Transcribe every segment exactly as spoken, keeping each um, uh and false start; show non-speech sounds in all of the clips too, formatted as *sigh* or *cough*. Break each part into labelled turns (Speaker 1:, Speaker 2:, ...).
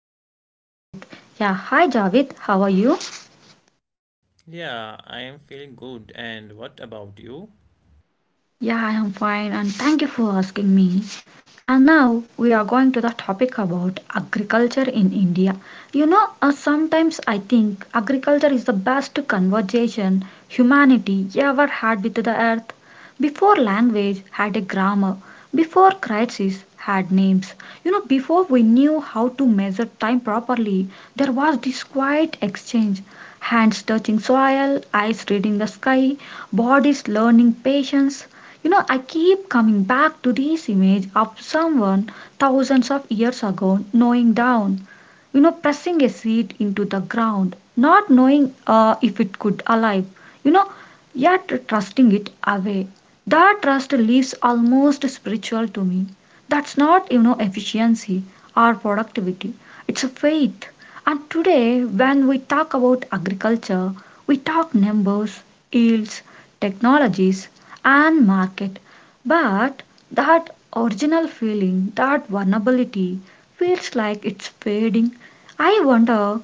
Speaker 1: co-host Javed. Yeah, hi Javed, how are you?
Speaker 2: Yeah, I am feeling good. And what about you?
Speaker 1: Yeah, I am fine and thank you for asking me. And now we are going to the topic about agriculture in India. You know, uh, sometimes I think agriculture is the best conversation humanity ever had with the earth. Before language had a grammar, before crises had names. You know, before we knew how to measure time properly, there was this quiet exchange hands touching soil, eyes reading the sky, bodies learning patience. You know, I keep coming back to this image of someone thousands of years ago knowing down, you know, pressing a seed into the ground, not knowing uh, if it could alive, you know, yet trusting it away. That trust leaves almost spiritual to me. That's not, you know, efficiency or productivity. It's a faith. And today, when we talk about agriculture, we talk numbers, yields, technologies, and market. But that original feeling, that vulnerability, feels like it's fading. I wonder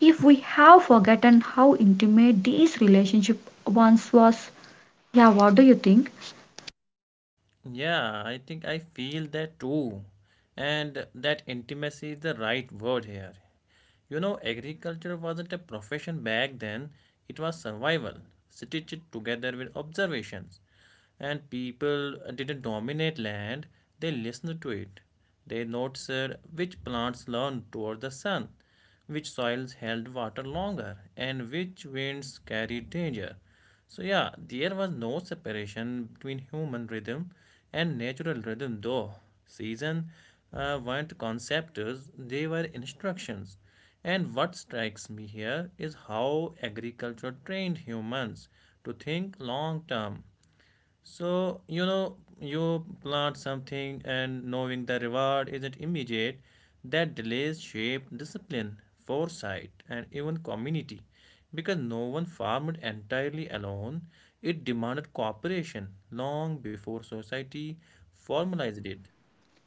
Speaker 1: if we have forgotten how intimate these relationship once was. Yeah, what do you think?
Speaker 2: Yeah, I think I feel that too. And that intimacy is the right word here. You know, agriculture wasn't a profession back then, it was survival, stitched together with observations. And people didn't dominate land, they listened to it. They noticed which plants leaned toward the sun, which soils held water longer, and which winds carried danger. So, yeah, there was no separation between human rhythm and natural rhythm, though. Seasons uh, weren't concepts, they were instructions. And what strikes me here is how agriculture trained humans to think long term. So, you know, you plant something and knowing the reward isn't immediate, that delays shape, discipline, foresight, and even community. Because no one farmed entirely alone, it demanded cooperation long before society formalized it.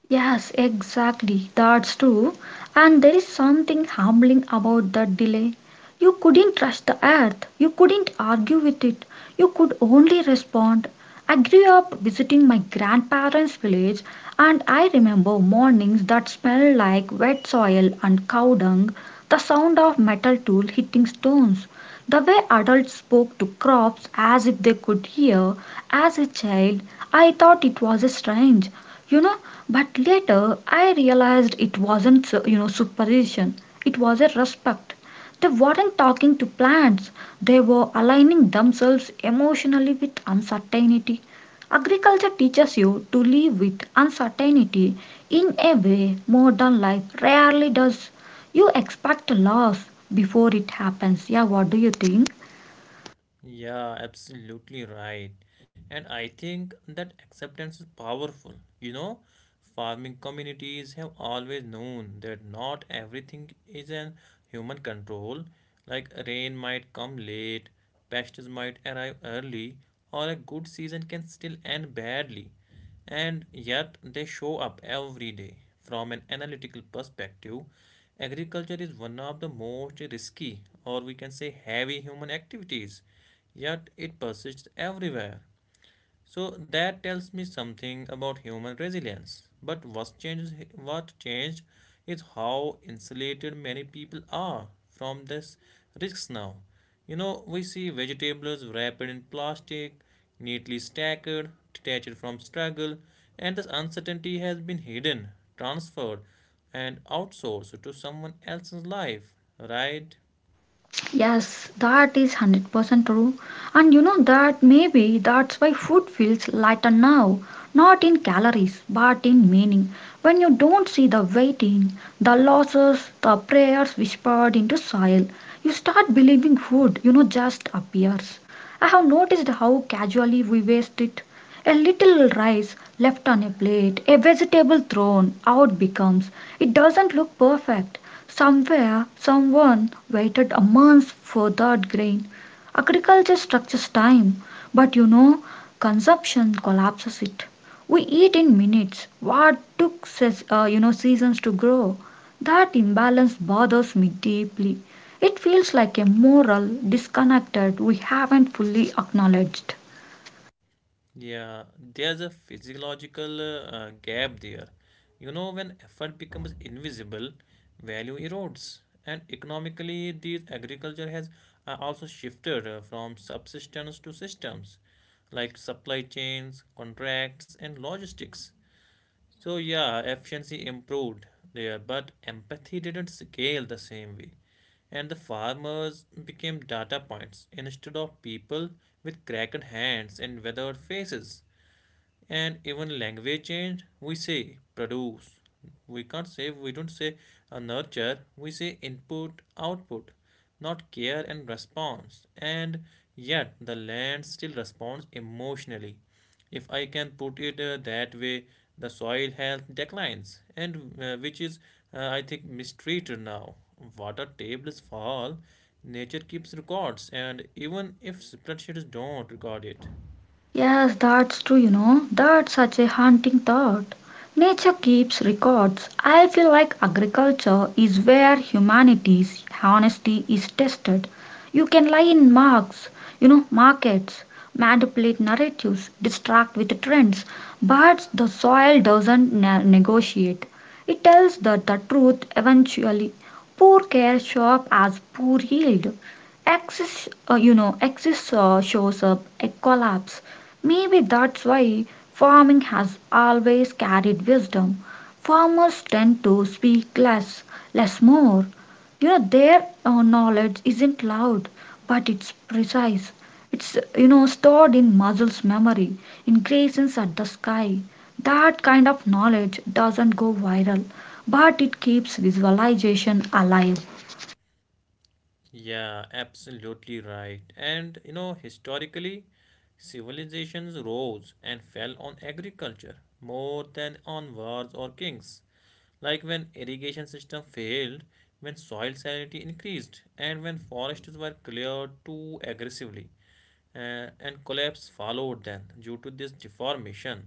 Speaker 1: Yes, exactly. That's true. And there is something humbling about that delay. You couldn't rush the earth, you couldn't argue with it, you could only respond. I grew up visiting my grandparents' village, and I remember mornings that smelled like wet soil and cow dung, the sound of metal tool hitting stones, the way adults spoke to crops as if they could hear. As a child, I thought it was strange, you know but later I realized it wasn't so- you know superstition, it was a respect. They weren't talking to plants, they were aligning themselves emotionally with uncertainty. Agriculture teaches you to live with uncertainty in a way modern life rarely does. You expect loss before it happens. Yeah, what do you think?
Speaker 2: Yeah, absolutely right. And I think that acceptance is powerful. You know, farming communities have always known that not everything is in human control. Like rain might come late, pests might arrive early, or a good season can still end badly, and yet they show up every day. From an analytical perspective, agriculture is one of the most risky, or we can say heavy human activities, yet it persists everywhere. So that tells me something about human resilience. But what changed, what changed is how insulated many people are from this risks now. You know, we see vegetables wrapped in plastic, neatly stacked, detached from struggle, and this uncertainty has been hidden, transferred, and outsourced to someone else's life, right?
Speaker 1: Yes, that is one hundred percent true. And you know that maybe that's why food feels lighter now, not in calories but in meaning. When you don't see the waiting, the losses, the prayers whispered into soil, you start believing food, you know, just appears. I have noticed how casually we waste it. A little rice left on a plate, a vegetable thrown out becomes it doesn't look perfect. Somewhere someone waited a month for that grain. Agriculture structures time, but you know, consumption collapses it. We eat in minutes what took ses- uh, you know seasons to grow. That imbalance bothers me deeply. It feels like a moral disconnected we haven't fully acknowledged.
Speaker 2: Yeah, there's a physiological uh, gap there. You know, when effort becomes invisible, value erodes. And economically, this agriculture has uh, also shifted uh, from subsistence to systems like supply chains, contracts, and logistics. So, yeah, efficiency improved there, but empathy didn't scale the same way. And the farmers became data points instead of people with cracked hands and weathered faces. And even language change, we say produce, we can't say, we don't say uh, nurture, we say input output, not care and response. And yet the land still responds emotionally, if I can put it uh, that way. The soil health declines, and uh, which is uh, I think mistreated now, water tables fall, nature keeps records, and even if spreadsheets don't record it.
Speaker 1: Yes, that's true, you know. That's such a haunting thought. Nature keeps records. I feel like agriculture is where humanity's honesty is tested. You can lie in marks, you know, markets, manipulate narratives, distract with trends, but the soil doesn't ne- negotiate. It tells that the truth eventually. Poor care show up as poor yield. Excess, uh, you know, excess uh, shows up a collapse. Maybe that's why farming has always carried wisdom. Farmers tend to speak less, less more. You know, their uh, knowledge isn't loud, but it's precise. It's, you know, stored in muscles memory, in grazings at the sky. That kind of knowledge doesn't go viral, but it keeps visualization alive.
Speaker 2: Yeah, absolutely right. And you know, historically, civilizations rose and fell on agriculture more than on wars or kings. Like when irrigation system failed, when soil salinity increased, and when forests were cleared too aggressively uh, and collapse followed then due to this deformation,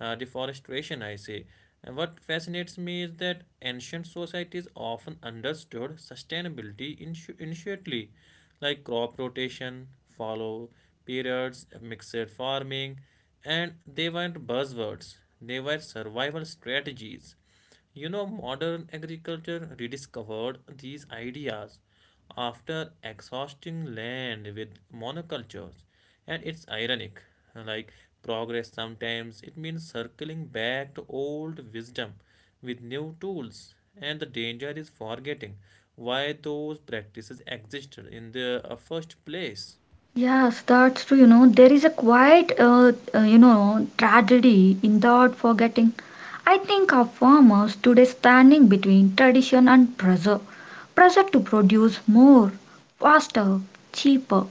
Speaker 2: uh, deforestation, I say. And what fascinates me is that ancient societies often understood sustainability intu- intuitively, like crop rotation, follow periods, mixed farming, and they weren't buzzwords, they were survival strategies. You know, modern agriculture rediscovered these ideas after exhausting land with monocultures. And it's ironic, like progress sometimes it means circling back to old wisdom with new tools. And the danger is forgetting why those practices existed in the uh, first place.
Speaker 1: Yes, that's true. You know, there is a quiet, uh, uh, you know, tragedy in that forgetting. I think our farmers today standing between tradition and pressure, pressure to produce more, faster, cheaper.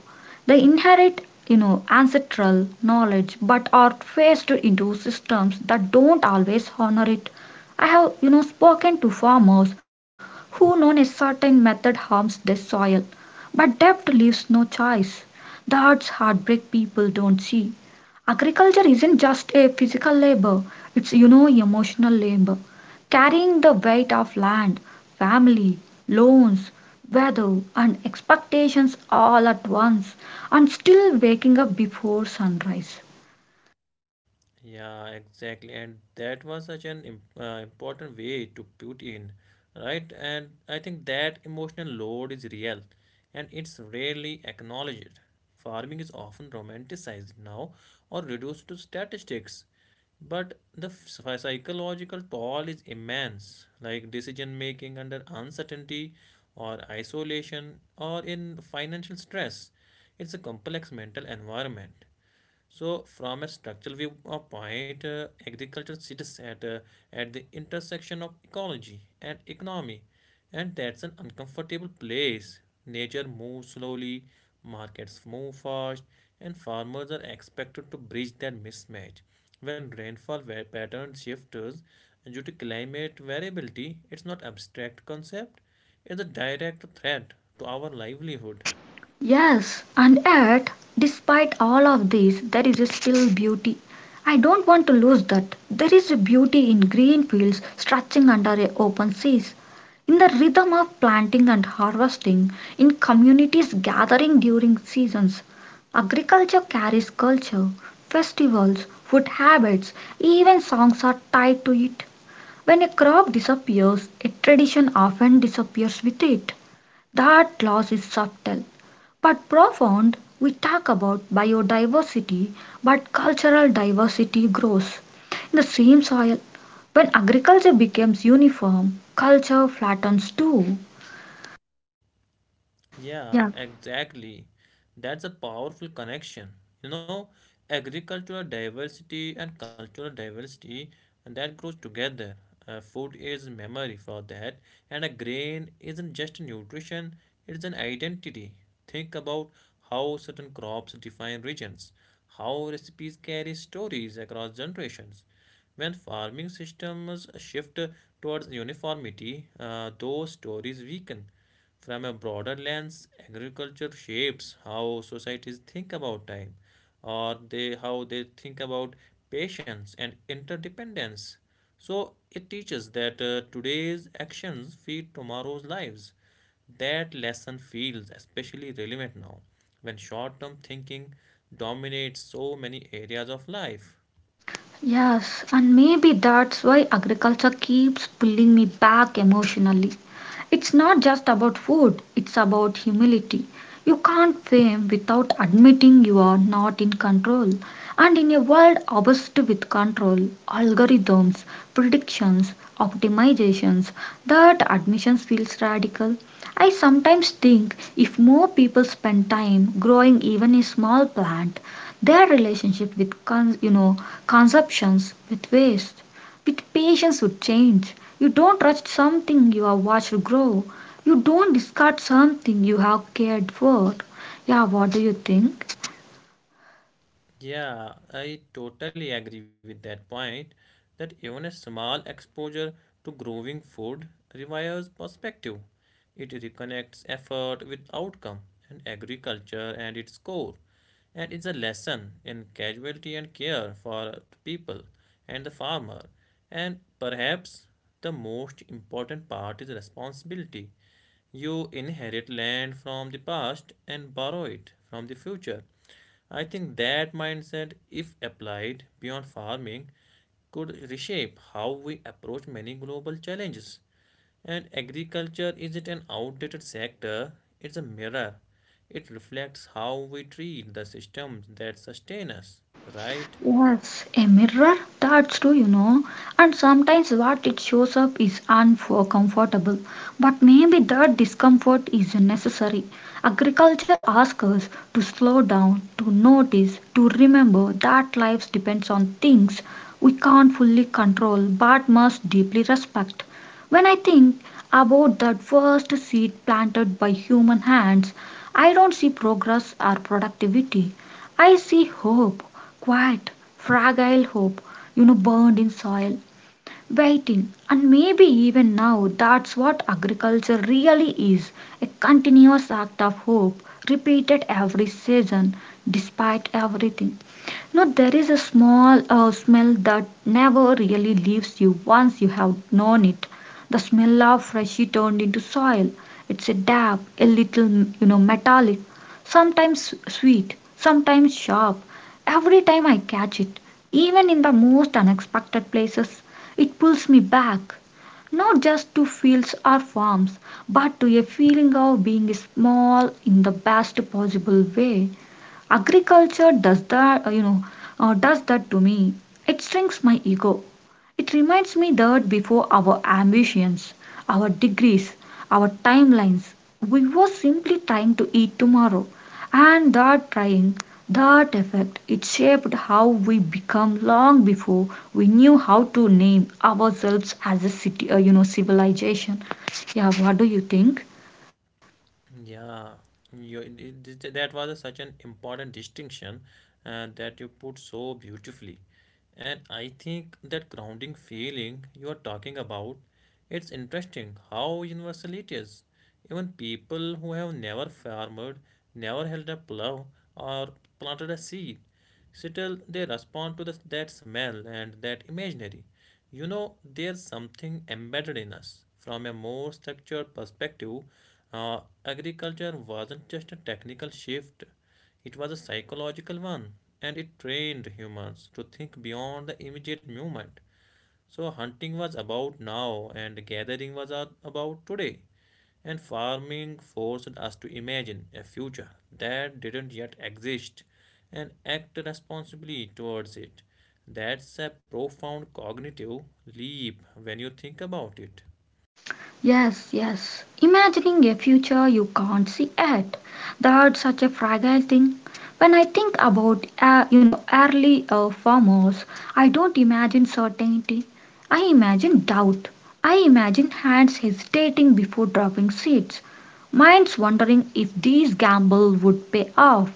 Speaker 1: They inherit, you know, ancestral knowledge, but are faced into systems that don't always honor it. I have, you know, spoken to farmers who know a certain method harms the soil but debt leaves no choice. That's heartbreak people don't see. Agriculture isn't just a physical labor, it's you know emotional labor. Carrying the weight of land, family, loans, weather and expectations all at once and still waking up before sunrise.
Speaker 2: Yeah, exactly. And that was such an im- uh, important way to put in, right? And I think that emotional load is real and it's rarely acknowledged. Farming is often romanticized now or reduced to statistics. But the ph- psychological toll is immense, like decision making under uncertainty or isolation or in financial stress. It's a complex mental environment. So, from a structural view of point, uh, agriculture sits at, uh, at the intersection of ecology and economy, and that's an uncomfortable place. Nature moves slowly, markets move fast, and farmers are expected to bridge that mismatch. When rainfall wa- pattern shifts due to climate variability, it's not abstract concept; it's a direct threat to our livelihood.
Speaker 1: Yes, and yet, despite all of this, there is still beauty. I don't want to lose that. There is a beauty in green fields stretching under a open seas, in the rhythm of planting and harvesting, in communities gathering during seasons. Agriculture carries culture, festivals, food habits, even songs are tied to it. When a crop disappears, a tradition often disappears with it. That loss is subtle but profound, we talk about biodiversity, but cultural diversity grows. In the same soil, when agriculture becomes uniform, culture flattens too. Yeah.
Speaker 2: Yeah, exactly. That's a powerful connection. You know, agricultural diversity and cultural diversity and that grows together. Uh, food is memory for that, and a grain isn't just nutrition, it's an identity. Think about how certain crops define regions, how recipes carry stories across generations. When farming systems shift towards uniformity, uh, those stories weaken. From a broader lens, agriculture shapes how societies think about time, or they how they think about patience and interdependence. So it teaches that uh, today's actions feed tomorrow's lives. That lesson feels especially relevant now, when short-term thinking dominates so many areas of life.
Speaker 1: Yes, and maybe that's why agriculture keeps pulling me back emotionally. It's not just about food, it's about humility. You can't fame without admitting you are not in control. And in a world obsessed with control, algorithms, predictions, optimizations, that admission feels radical. I sometimes think if more people spend time growing even a small plant, their relationship with con- you know consumptions with waste with patience would change. You don't rush something you have watched grow. You don't discard something you have cared for. Yeah, what do you think?
Speaker 2: Yeah, I totally agree with that point that even a small exposure to growing food revives perspective. It reconnects effort with outcome, and agriculture and its core, and it's a lesson in casualty and care for people and the farmer. And perhaps the most important part is responsibility. You inherit land from the past and borrow it from the future. I think that mindset, if applied beyond farming, could reshape how we approach many global challenges. And agriculture isn't an outdated sector, it's a mirror. It reflects how we treat the systems that sustain us, right?
Speaker 1: Yes, a mirror, that's true, you know. And sometimes what it shows up is uncomfortable, but maybe that discomfort is necessary. Agriculture asks us to slow down, to notice, to remember that life depends on things we can't fully control but must deeply respect. When I think about that first seed planted by human hands, I don't see progress or productivity. I see hope, quiet, fragile hope, you know, burned in soil, waiting. And maybe even now, that's what agriculture really is a continuous act of hope, repeated every season, despite everything. Now there is a small uh, smell that never really leaves you once you have known it. The smell of freshly turned into soil. It's a dab, a little you know metallic, sometimes sweet, sometimes sharp. Every time I catch it, even in the most unexpected places, it pulls me back not just to fields or farms, but to a feeling of being small in the best possible way. Agriculture does that, you know, uh, does that to me. It shrinks my ego. It reminds me that before our ambitions, our degrees, our timelines, we were simply trying to eat tomorrow. And that trying, that effect, it shaped how we become long before we knew how to name ourselves as a city, uh, you know, civilization. Yeah, what do you think?
Speaker 2: Yeah, you, it, it- that was a such an important distinction uh, that you put so beautifully. And I think that grounding feeling you are talking about, it's interesting how universal it is. Even people who have never farmed, never held a plow or planted a seed, still they respond to the, that smell and that imaginary. You know, there's something embedded in us. From a more structured perspective, uh, agriculture wasn't just a technical shift, it was a psychological one, and it trained humans to think beyond the immediate moment. So hunting was about now, and gathering was a- about today. And farming forced us to imagine a future that didn't yet exist and act responsibly towards it. That's a profound cognitive leap when you think about it.
Speaker 1: Yes, yes. Imagining a future you can't see yet. That's such a fragile thing. When I think about, uh, you know, early uh, farmers, I don't imagine certainty. I imagine doubt. I imagine hands hesitating before dropping seeds, minds wondering if these gamble would pay off.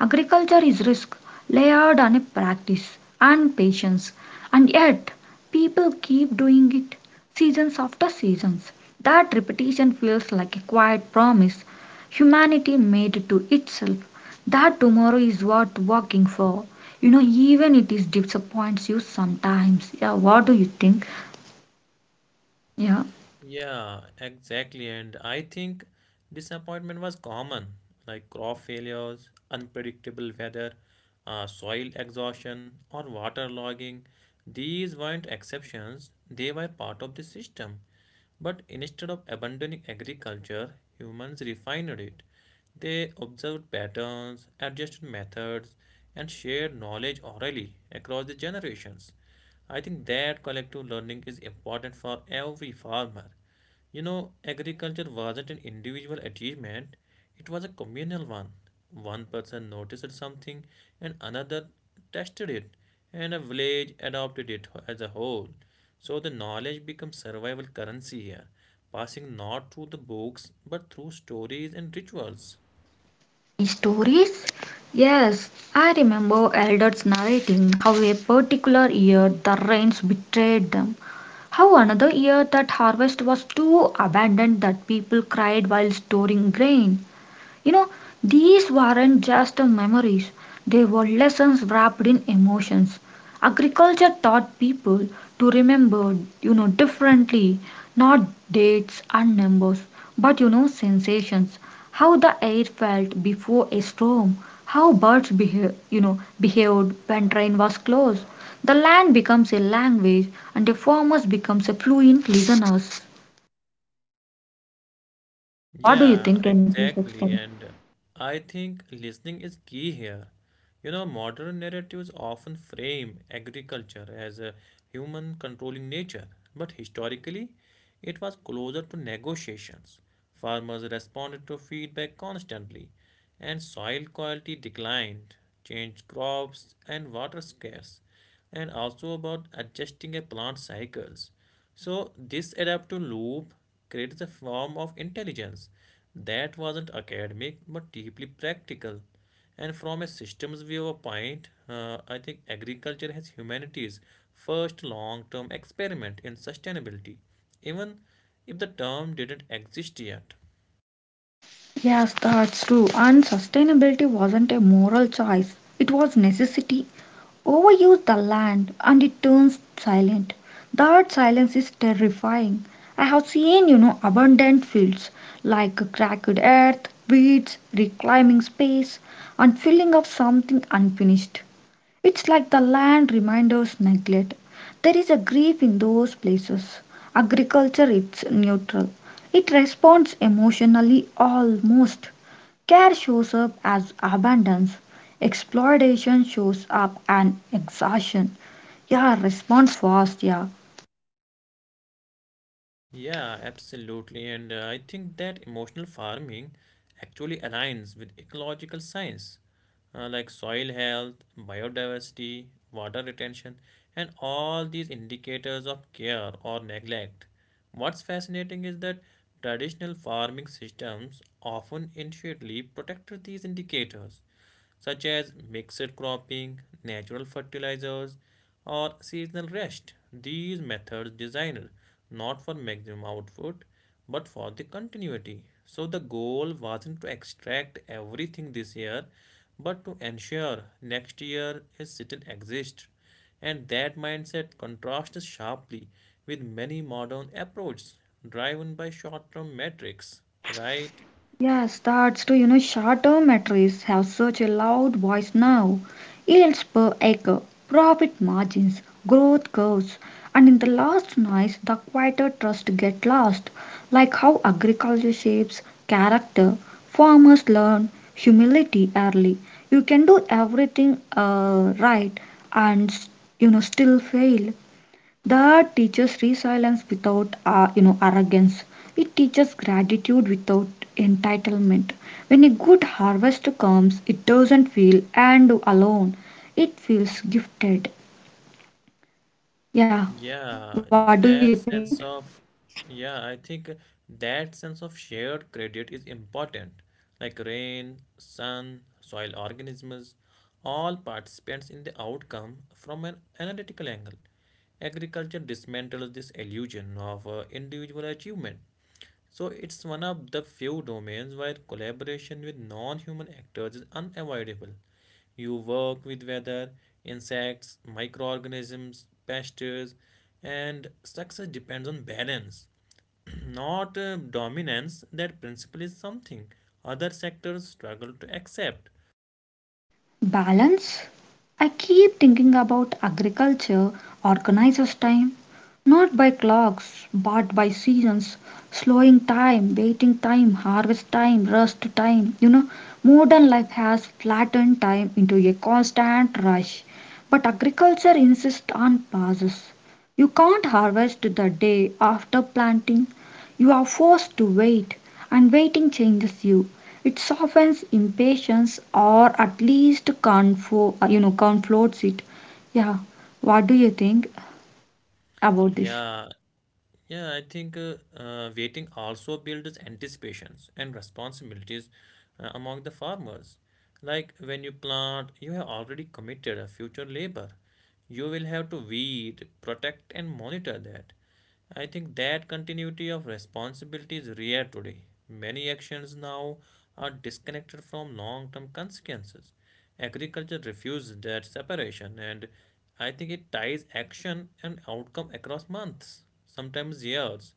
Speaker 1: Agriculture is risk, layered on a practice and patience, and yet people keep doing it. Seasons after seasons, that repetition feels like a quiet promise humanity made to itself that tomorrow is worth working for. You know, even it is disappoints you sometimes. Yeah, what do you think? Yeah,
Speaker 2: Yeah, exactly. And I think disappointment was common, like crop failures, unpredictable weather, uh, soil exhaustion, or water logging. These weren't exceptions, they were part of the system. But instead of abandoning agriculture, humans refined it. They observed patterns, adjusted methods, and shared knowledge orally across the generations. I think that collective learning is important for every farmer. You know, agriculture wasn't an individual achievement, it was a communal one. One person noticed something and another tested it, and a village adopted it as a whole. So the knowledge becomes survival currency here, passing not through the books but through stories and rituals.
Speaker 1: stories. Yes, I remember elders narrating how a particular year the rains betrayed them. How another year that harvest was too abundant that people cried while storing grain. You know, these weren't just memories, they were lessons wrapped in emotions. Agriculture taught people to remember, you know, differently, not dates and numbers, but you know, sensations. How the air felt before a storm, how birds behave, you know, behaved when train was closed. The land becomes a language and the farmers becomes a fluent listeners. Yeah, what do you think?
Speaker 2: Yeah,
Speaker 1: Can you please explain?
Speaker 2: exactly. And I think listening is key here. You know, modern narratives often frame agriculture as a human controlling nature, but historically, it was closer to negotiations. Farmers responded to feedback constantly, and soil quality declined, changed crops, and water scarce and also about adjusting a plant cycles. So this adaptive loop creates a form of intelligence that wasn't academic but deeply practical. And from a systems viewpoint, uh, I think agriculture has humanity's first long-term experiment in sustainability, even if the term didn't exist yet.
Speaker 1: Yes, that's true. And sustainability wasn't a moral choice, it was necessity. Overuse the land and it turns silent. That silence is terrifying. I have seen, you know, abundant fields like cracked earth, weeds, reclaiming space, and filling of something unfinished. It's like the land reminders neglect. There is a grief in those places. Agriculture is neutral. It responds emotionally almost. Care shows up as abundance, exploitation shows up and exhaustion. Yeah, respond fast, yeah.
Speaker 2: Yeah, absolutely. And uh, I think that emotional farming actually aligns with ecological science, uh, like soil health, biodiversity, water retention, and all these indicators of care or neglect. What's fascinating is that traditional farming systems often intuitively protect these indicators such as mixed cropping, natural fertilizers, or seasonal rest. These methods designed not for maximum output but for the continuity. So the goal wasn't to extract everything this year but to ensure next year is still exists, and that mindset contrasts sharply with many modern approaches driven by short-term metrics, right?
Speaker 1: Yes, that's true. You know, short-term metrics have such a loud voice now. Yields per acre, profit margins, growth curves, and in the last noise, the quieter trust get lost. Like how agriculture shapes character, farmers learn humility early. You can do everything uh, right and you know still fail. That teaches resilience without uh, you know arrogance. It teaches gratitude without entitlement. When a good harvest comes, it doesn't feel and alone, it feels gifted. Yeah, what do you
Speaker 2: Yeah,
Speaker 1: think?
Speaker 2: that sense of, yeah, I think that sense of shared credit is important. Like rain, sun, soil organisms, all participants in the outcome from an analytical angle. Agriculture dismantles this illusion of uh, individual achievement. So it's one of the few domains where collaboration with non-human actors is unavoidable. You work with weather, insects, microorganisms, pests, and success depends on balance, *clears throat* not uh, dominance. That principle is something other sectors struggle to accept.
Speaker 1: Balance? I keep thinking about agriculture organizes time, not by clocks but by seasons, slowing time, waiting time, harvest time, rest time. You know, modern life has flattened time into a constant rush, but agriculture insists on pauses. You can't harvest the day after planting. You are forced to wait, and waiting changes you. It softens impatience or at least confo- uh, you know, conflates it. Yeah, what do you think about this?
Speaker 2: Yeah, Yeah, I think uh, uh, waiting also builds anticipations and responsibilities uh, among the farmers. Like when you plant, you have already committed a future labor. You will have to weed, protect, and monitor that. I think that continuity of responsibility is rare today. Many actions now are disconnected from long term consequences. Agriculture refused that separation, and I think it ties action and outcome across months, sometimes years.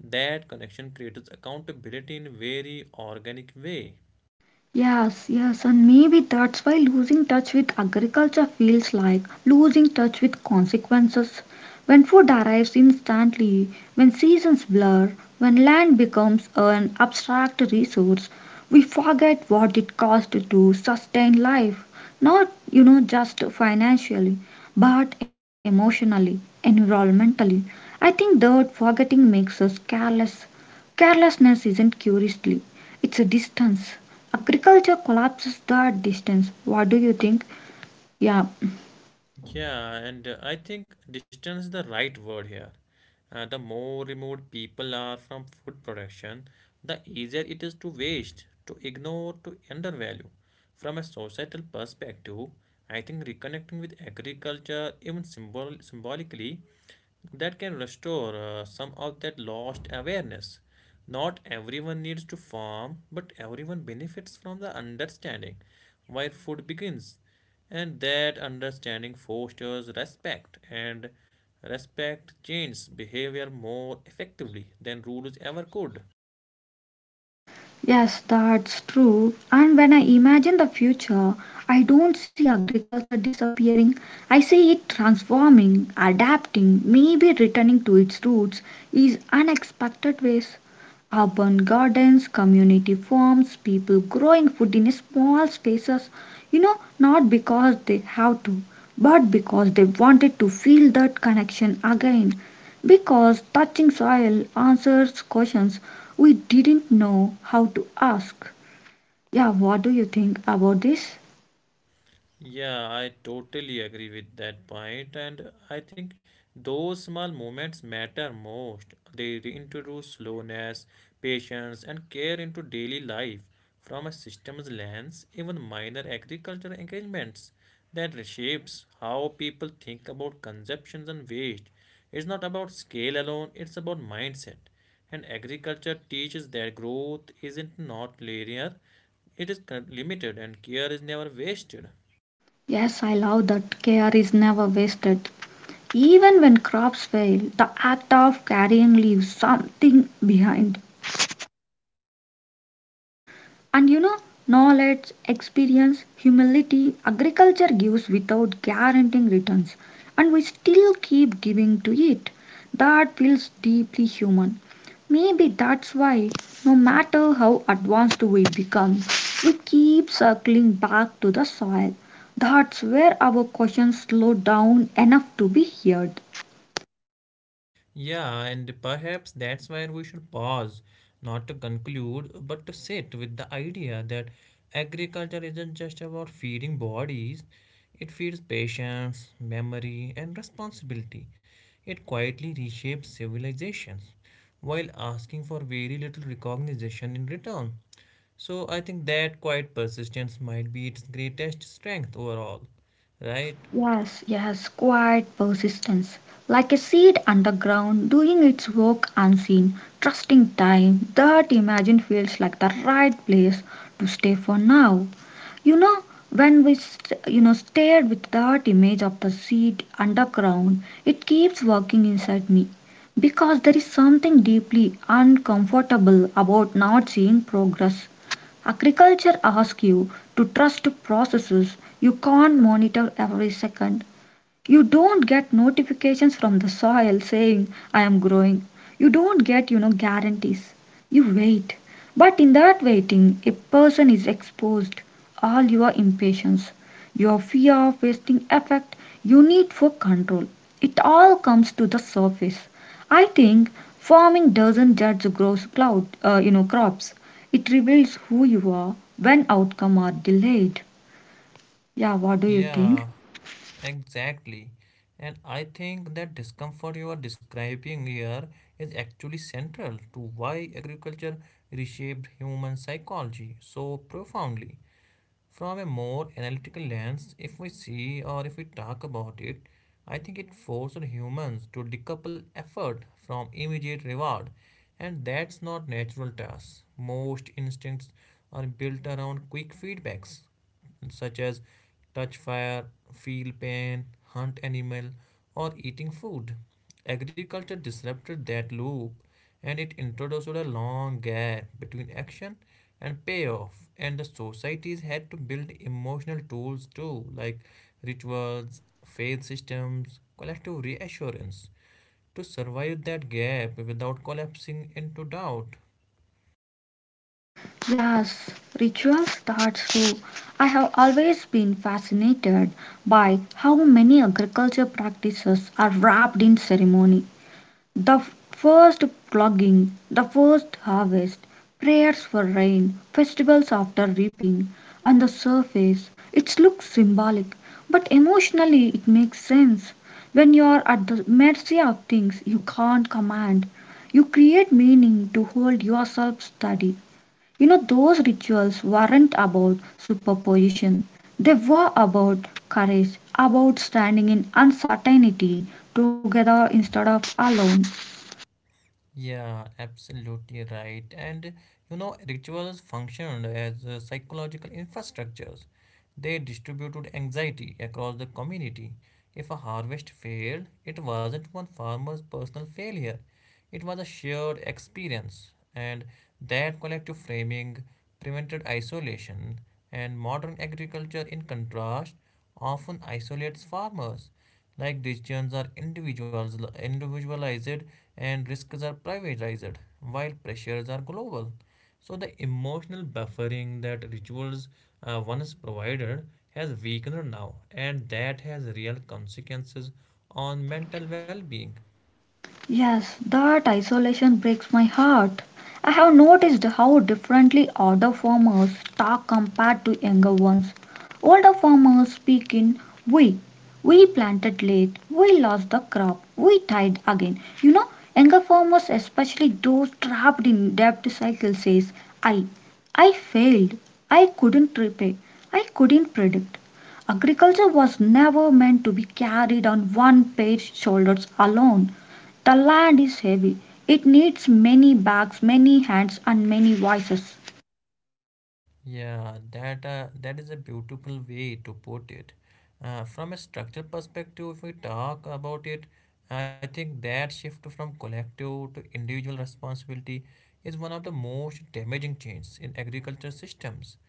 Speaker 2: That connection creates accountability in very organic way.
Speaker 1: Yes, yes, and maybe that's why losing touch with agriculture feels like losing touch with consequences. When food arrives instantly, when seasons blur, when land becomes an abstract resource, we forget what it cost to sustain life, not, you know, just financially, but emotionally, environmentally. I think that forgetting makes us careless. Carelessness isn't curiosity, it's a distance. Agriculture collapses that distance. What do you think? Yeah.
Speaker 2: Yeah, and uh, I think distance is the right word here. Uh, the more removed people are from food production, the easier it is to waste, to ignore, to undervalue. From a societal perspective, I think reconnecting with agriculture, even symbol- symbolically, that can restore uh, some of that lost awareness. Not everyone needs to farm, but everyone benefits from the understanding where food begins. And that understanding fosters respect, and respect changes behavior more effectively than rules ever could.
Speaker 1: Yes, that's true. And when I imagine the future, I don't see agriculture disappearing. I see it transforming, adapting, maybe returning to its roots in unexpected ways. Urban gardens, community farms, people growing food in small spaces. You know, not because they have to, but because they wanted to feel that connection again. Because touching soil answers questions we didn't know how to ask. Yeah, what do you think about this?
Speaker 2: Yeah, I totally agree with that point, and I think those small moments matter most. They reintroduce slowness, patience, and care into daily life. From a systems lens, even minor agricultural engagements that reshapes how people think about consumptions and waste. It's not about scale alone, it's about mindset. And agriculture teaches that growth isn't not linear, it is con- limited and care is never wasted.
Speaker 1: Yes, I love that care is never wasted. Even when crops fail, the act of carrying leaves something behind. And you know, knowledge, experience, humility, agriculture gives without guaranteeing returns, and we still keep giving to it. That feels deeply human. Maybe that's why, no matter how advanced we become, we keep circling back to the soil. That's where our questions slow down enough to be heard.
Speaker 2: Yeah, and perhaps that's where we should pause, not to conclude, but to sit with the idea that agriculture isn't just about feeding bodies, it feeds patience, memory, and responsibility. It quietly reshapes civilizations while asking for very little recognition in return. So I think that quiet persistence might be its greatest strength overall, right?
Speaker 1: Yes, yes, quiet persistence. Like a seed underground, doing its work unseen, trusting time, that imagine feels like the right place to stay for now. You know, when we st- you know stared with that image of the seed underground, it keeps working inside me because there is something deeply uncomfortable about not seeing progress. Agriculture asks you to trust processes you can't monitor every second. You don't get notifications from the soil saying, I am growing. You don't get, you know, guarantees. You wait. But in that waiting, a person is exposed. All your impatience, your fear of wasting effect, you need for control. It all comes to the surface. I think farming doesn't judge gross cloud, uh, you know, crops. It reveals who you are when outcome are delayed. Yeah, what do you think?
Speaker 2: Yeah. Exactly. And I think that discomfort you are describing here is actually central to why agriculture reshaped human psychology so profoundly. From a more analytical lens, if we see or if we talk about it, I think it forced humans to decouple effort from immediate reward. And that's not natural to us. Most instincts are built around quick feedbacks such as touch fire, feel pain, hunt animal, or eating food. Agriculture disrupted that loop and it introduced a long gap between action and payoff, and the societies had to build emotional tools too, like rituals, faith systems, collective reassurance to survive that gap without collapsing into doubt.
Speaker 1: Yes, ritual starts too. I have always been fascinated by how many agriculture practices are wrapped in ceremony. The f- first clogging, the first harvest, prayers for rain, festivals after reaping. On the surface, it looks symbolic, but emotionally it makes sense. When you are at the mercy of things you can't command, you create meaning to hold yourself steady. You know, those rituals weren't about superposition, they were about courage, about standing in uncertainty together instead of alone.
Speaker 2: Yeah, absolutely right. And you know, rituals functioned as uh, psychological infrastructures. They distributed anxiety across the community. If a harvest failed, it wasn't one farmer's personal failure, it was a shared experience. And that collective framing prevented isolation. And modern agriculture, in contrast, often isolates farmers, like decisions are individualized and risks are privatized, while pressures are global. So the emotional buffering that rituals uh, once provided has weakened now, and that has real consequences on mental well-being.
Speaker 1: Yes, that isolation breaks my heart. I have noticed how differently older farmers talk compared to younger ones. Older farmers speak in we. We planted late, we lost the crop, we tried again. You know, younger farmers, especially those trapped in debt cycle, says I. I failed. I couldn't repay. I couldn't predict. Agriculture was never meant to be carried on one pair's shoulders alone. The land is heavy. It needs many bags, many hands, and many voices.
Speaker 2: Yeah, that uh, that is a beautiful way to put it. Uh, from a structural perspective, if we talk about it, I think that shift from collective to individual responsibility is one of the most damaging changes in agriculture systems.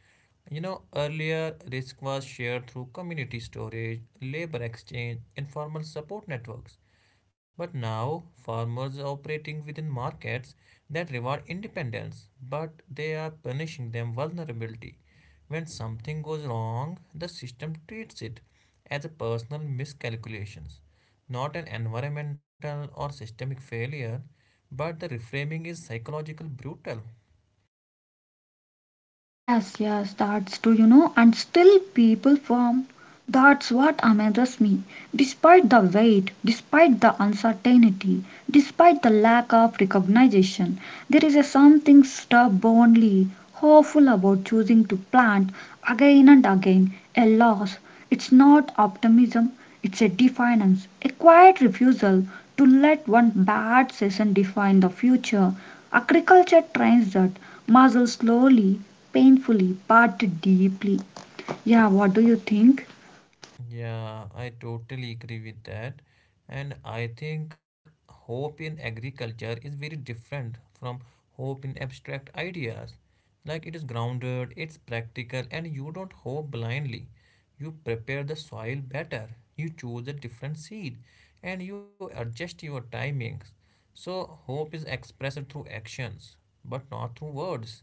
Speaker 2: You know, earlier risk was shared through community storage, labor exchange, informal support networks. But now, farmers are operating within markets that reward independence, but they are punishing them vulnerability. When something goes wrong, the system treats it as a personal miscalculations, not an environmental or systemic failure, but the reframing is psychological brutal.
Speaker 1: Yes, yes, that's true, you know, and still people form. That's what amazes me. Despite the weight, despite the uncertainty, despite the lack of recognition, there is a something stubbornly hopeful about choosing to plant again and again a loss. It's not optimism, it's a defiance, a quiet refusal to let one bad season define the future. Agriculture trains that muscle slowly, painfully, but deeply. Yeah, what do you think?
Speaker 2: Yeah, I totally agree with that. And I think hope in agriculture is very different from hope in abstract ideas. Like, it is grounded, it's practical, and you don't hope blindly. You prepare the soil better, you choose a different seed, and you adjust your timings. So, hope is expressed through actions, but not through words.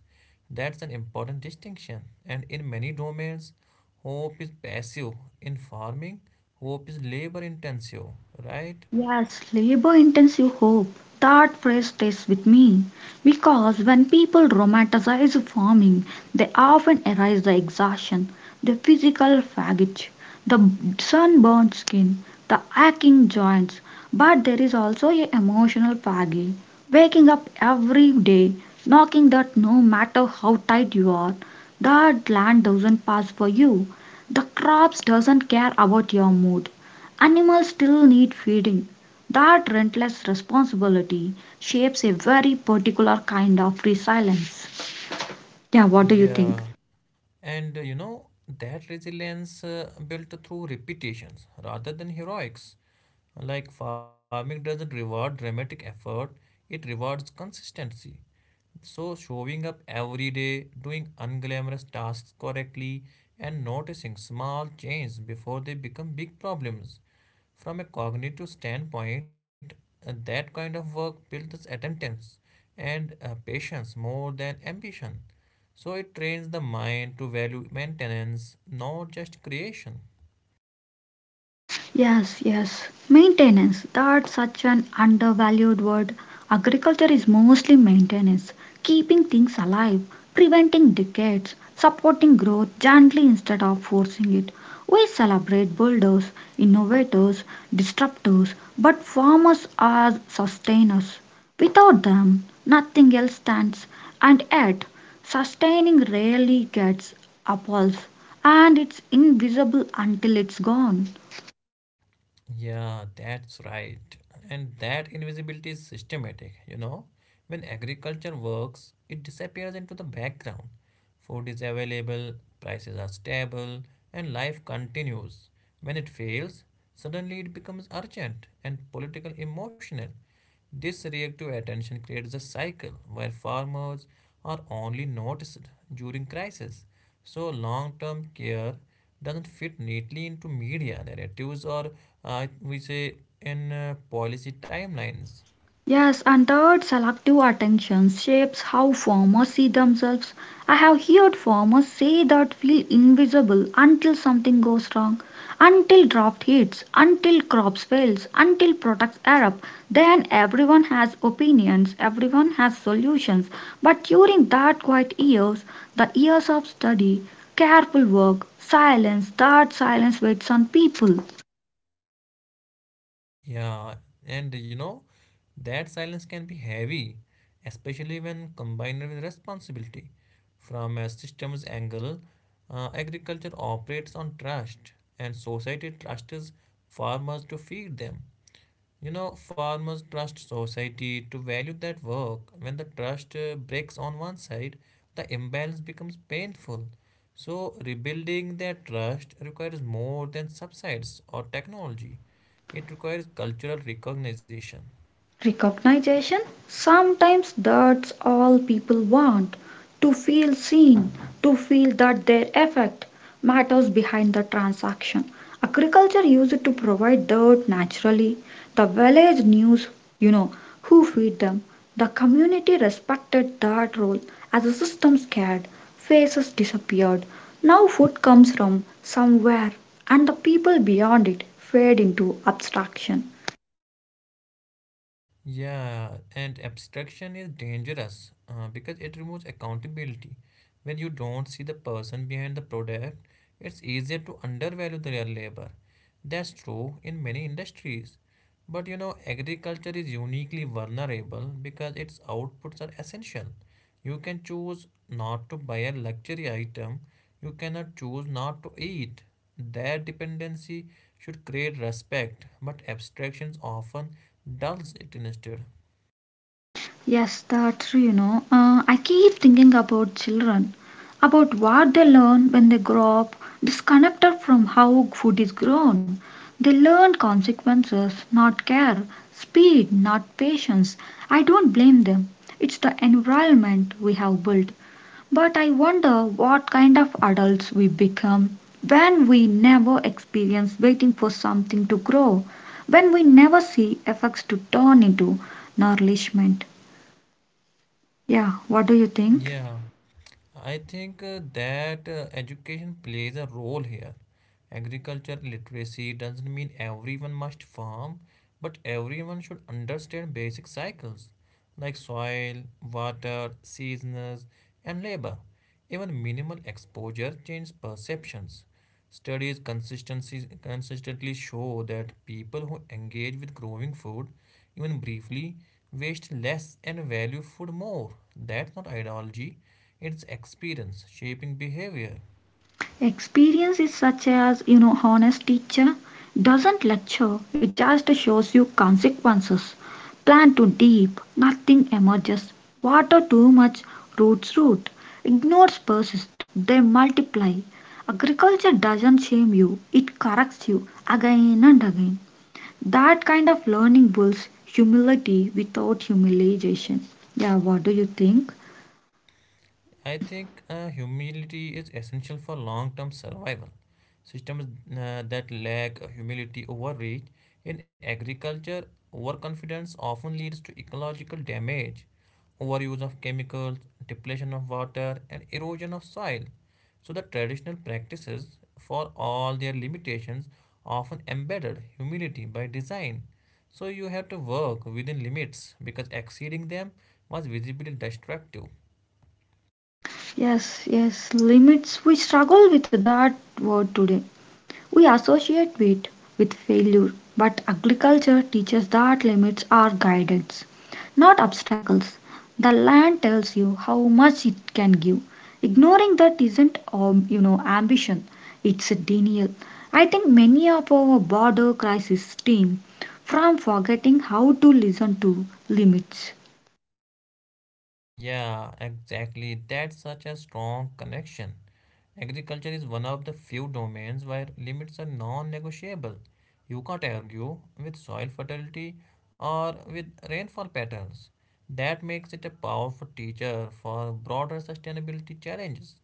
Speaker 2: That's an important distinction. And in many domains, hope is passive. In farming, hope is labor intensive, right?
Speaker 1: Yes, labor intensive hope. That phrase stays with me because when people romanticize farming, they often erase the exhaustion, the physical fatigue, the sunburned skin, the aching joints. But there is also a emotional fatigue. Waking up every day, knocking that no matter how tight you are, that land doesn't pass for you. The crops doesn't care about your mood. Animals still need feeding. That relentless responsibility shapes a very particular kind of resilience. Yeah, what do you think?
Speaker 2: Yeah. And uh, you know, that resilience uh, built through repetitions rather than heroics. Like, farming doesn't reward dramatic effort, it rewards consistency. So, showing up every day, doing unglamorous tasks correctly, and noticing small changes before they become big problems. From a cognitive standpoint, uh, that kind of work builds attendance and uh, patience more than ambition. So, it trains the mind to value maintenance, not just creation.
Speaker 1: Yes, yes. Maintenance. That's such an undervalued word. Agriculture is mostly maintenance, keeping things alive, preventing decades, supporting growth gently instead of forcing it. We celebrate builders, innovators, disruptors, but farmers are sustainers. Without them, nothing else stands, and yet, sustaining rarely gets applause, and it's invisible until it's gone.
Speaker 2: Yeah, that's right. And that invisibility is systematic, you know. When agriculture works, it disappears into the background. Food is available, prices are stable, and life continues. When it fails, suddenly it becomes urgent and political emotional. This reactive attention creates a cycle where farmers are only noticed during crisis. So, long term care doesn't fit neatly into media narratives or, uh, we say, in uh, policy timelines.
Speaker 1: Yes, and third, selective attention shapes how farmers see themselves. I have heard farmers say that feel invisible until something goes wrong, until drought hits, until crops fails, until products erupt. Then everyone has opinions, everyone has solutions. But during that quiet years, the years of study, careful work, silence, that silence waits on people.
Speaker 2: Yeah, and you know, that silence can be heavy, especially when combined with responsibility. From a systems angle, uh, agriculture operates on trust, and society trusts farmers to feed them. You know, farmers trust society to value that work. When the trust uh, breaks on one side, the imbalance becomes painful. So, rebuilding that trust requires more than subsides or technology, it requires cultural recognition.
Speaker 1: Recognition? Sometimes that's all people want to feel seen, to feel that their effect matters behind the transaction. Agriculture used to provide that naturally. The village knew, you know, who feed them. The community respected that role. As the system scared, faces disappeared. Now food comes from somewhere, and the people beyond it fade into abstraction.
Speaker 2: Yeah, and abstraction is dangerous uh, because it removes accountability. When you don't see the person behind the product, it's easier to undervalue their labor. That's true in many industries. But you know, agriculture is uniquely vulnerable because its outputs are essential. You can choose not to buy a luxury item. You cannot choose not to eat. That dependency should create respect, but abstractions often dulls it instead.
Speaker 1: Yes, that's true, you know. Uh, I keep thinking about children, about what they learn when they grow up, disconnected from how food is grown. They learn consequences, not care, speed, not patience. I don't blame them. It's the environment we have built. But I wonder what kind of adults we become when we never experience waiting for something to grow, when we never see effects to turn into nourishment. Yeah, what do you think?
Speaker 2: Yeah. I think uh, that uh, education plays a role here. Agriculture literacy doesn't mean everyone must farm, but everyone should understand basic cycles like soil, water, seasons, and labor. Even minimal exposure changes perceptions. Studies consistency, consistently show that people who engage with growing food, even briefly, waste less and value food more. That's not ideology, it's experience shaping behavior.
Speaker 1: Experience is such as, you know, honest teacher doesn't lecture, it just shows you consequences. Plant too deep, nothing emerges. Water too much, roots root. Ignores persist, they multiply. Agriculture doesn't shame you, it corrects you again and again. That kind of learning builds humility without humiliation. Yeah, what do you think?
Speaker 2: I think uh, humility is essential for long term survival. Systems uh, that lack humility overreach. In agriculture, overconfidence often leads to ecological damage, overuse of chemicals, depletion of water, and erosion of soil. So, the traditional practices, for all their limitations, often embedded humility by design. So, you have to work within limits because exceeding them was visibly destructive.
Speaker 1: Yes, yes, limits. We struggle with that word today. We associate it with failure, but agriculture teaches that limits are guidance, not obstacles. The land tells you how much it can give. Ignoring that isn't, um, you know, ambition. It's a denial. I think many of our border crisis stem from forgetting how to listen to limits.
Speaker 2: Yeah, exactly. That's such a strong connection. Agriculture is one of the few domains where limits are non negotiable. You can't argue with soil fertility or with rainfall patterns. That makes it a powerful teacher for broader sustainability challenges.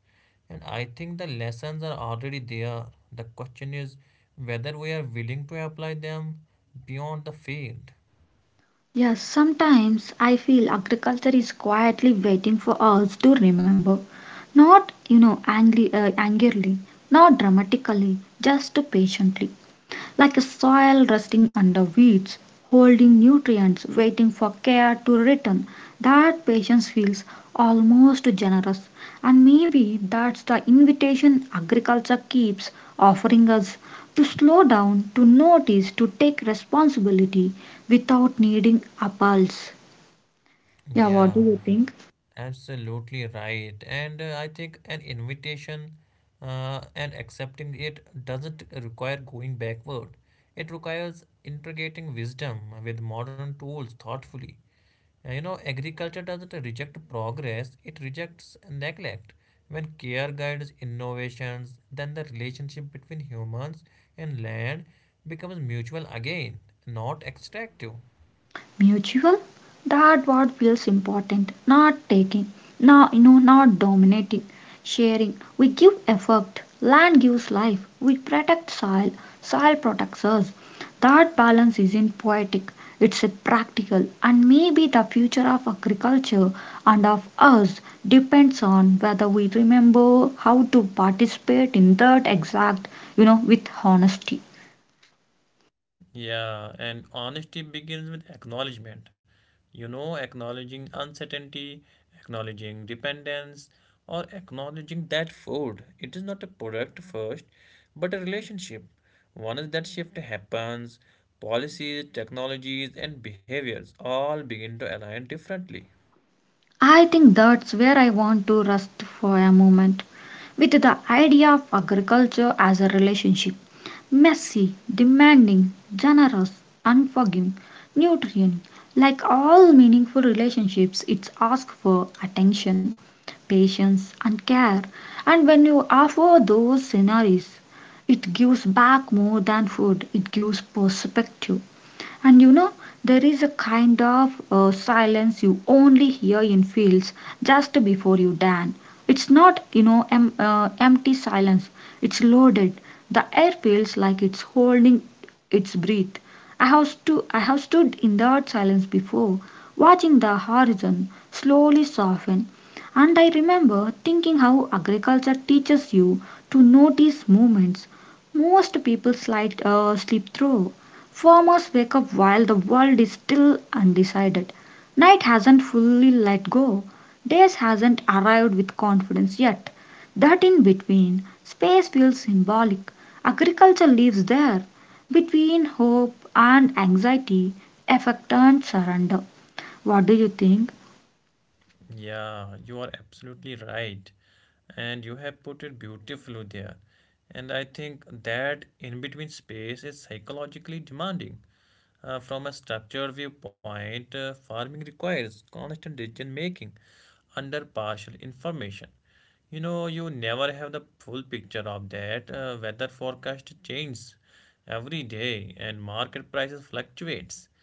Speaker 2: And I think the lessons are already there. The question is whether we are willing to apply them beyond the field.
Speaker 1: Yes, sometimes I feel agriculture is quietly waiting for us to remember. Not, you know, angry, uh, angrily, not dramatically, just patiently like a soil resting under weeds, holding nutrients, waiting for care to return. That patience feels almost generous, and maybe that's the invitation agriculture keeps offering us to slow down, to notice, to take responsibility without needing a pulse. Yeah, what do
Speaker 2: Yeah,
Speaker 1: you think?
Speaker 2: absolutely right. And uh, I think an invitation uh, and accepting it doesn't require going backward. It requires integrating wisdom with modern tools thoughtfully. Uh, You know, agriculture doesn't reject progress, it rejects neglect. When care guides innovations, then the relationship between humans and land becomes mutual again, not extractive.
Speaker 1: Mutual. That what feels important, not taking, not you know not dominating, sharing. We give effort, land gives life, we protect soil, soil protects us. That balance isn't poetic, it's a practical, and maybe the future of agriculture and of us depends on whether we remember how to participate in that exact, you know with honesty.
Speaker 2: Yeah, and honesty begins with acknowledgement. You know, acknowledging uncertainty, acknowledging dependence, or acknowledging that food. It is not a product first, but a relationship. Once that shift happens, policies, technologies, and behaviors all begin to align differently.
Speaker 1: I think that's where I want to rest for a moment with the idea of agriculture as a relationship. Messy, demanding, generous, unforgiving, nutrient. Like all meaningful relationships, it's asked for attention, patience, and care. And when you offer those scenarios, it gives back more than food, it gives perspective. And you know, there is a kind of uh, silence you only hear in fields just before you dan. It's not, you know, em- uh, empty silence. It's loaded. The air feels like it's holding its breath. I have, stu- I have stood in that silence before, watching the horizon slowly soften. And I remember thinking how agriculture teaches you to notice movements most people slide, uh, slip through. Farmers wake up while the world is still undecided. Night hasn't fully let go. Days hasn't arrived with confidence yet. That in between space feels symbolic. Agriculture lives there between hope and anxiety, effect and surrender. What do you think?
Speaker 2: Yeah, you are absolutely right. And you have put it beautifully there. And I think that in between space is psychologically demanding. Uh, from a structured viewpoint, uh, farming requires constant decision making under partial information. You know, you never have the full picture of that. Uh, weather forecast changes every day and market prices fluctuates.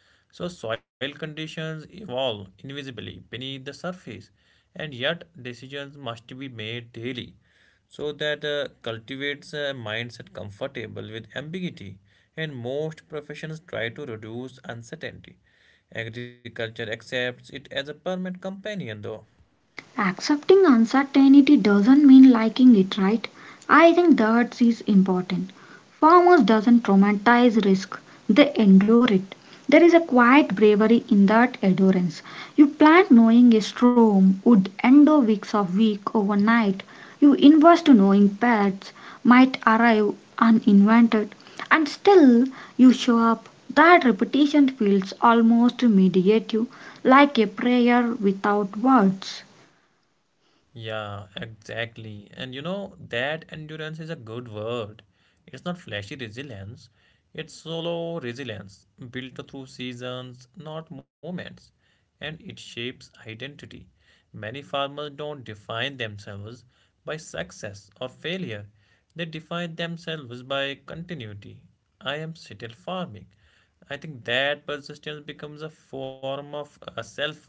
Speaker 2: So soil conditions evolve invisibly beneath the surface and yet decisions must be made daily, so that uh, cultivates a mindset comfortable with ambiguity, and most professions try to reduce uncertainty. Agriculture accepts it as a permanent companion though.
Speaker 1: Accepting uncertainty doesn't mean liking it, right? I think that is important. Farmers doesn't traumatize risk, they endure it. There is a quiet bravery in that endurance. You plant knowing a storm would endure weeks of week overnight. You invest knowing pests might arrive uninvented. And still you show up. That repetition feels almost meditative, like a prayer without words.
Speaker 2: Yeah, exactly. And you know, that endurance is a good word. It's not flashy resilience, it's solo resilience, built through seasons, not moments. And it shapes identity. Many farmers don't define themselves by success or failure, they define themselves by continuity. I am still farming. I think that persistence becomes a form of uh, selfhood.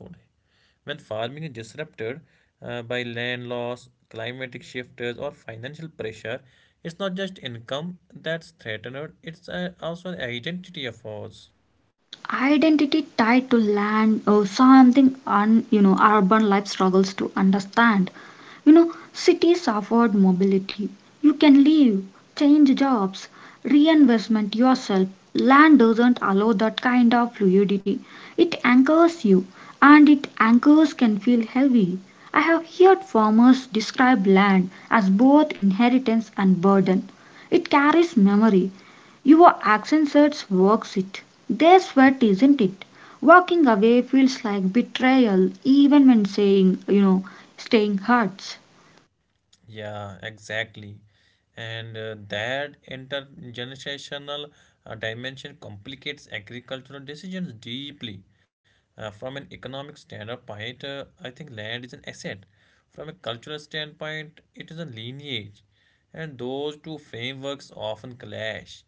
Speaker 2: When farming is disrupted uh, by land loss, climatic shifts, or financial pressure, it's not just income that's threatened, it's uh, also an identity of ours.
Speaker 1: Identity tied to land or something un, you know urban life struggles to understand. You know, cities afford mobility, you can leave, change jobs, reinvestment yourself. Land doesn't allow that kind of fluidity, it anchors you, and it anchors can feel heavy. I have heard farmers describe land as both inheritance and burden, it carries memory. Your accent search works it. Their sweat isn't it. Walking away feels like betrayal even when saying, you know, staying hurts.
Speaker 2: Yeah, exactly. And uh, that intergenerational uh, dimension complicates agricultural decisions deeply. Uh, from an economic standpoint, uh, I think land is an asset. From a cultural standpoint, it is a lineage. And those two frameworks often clash.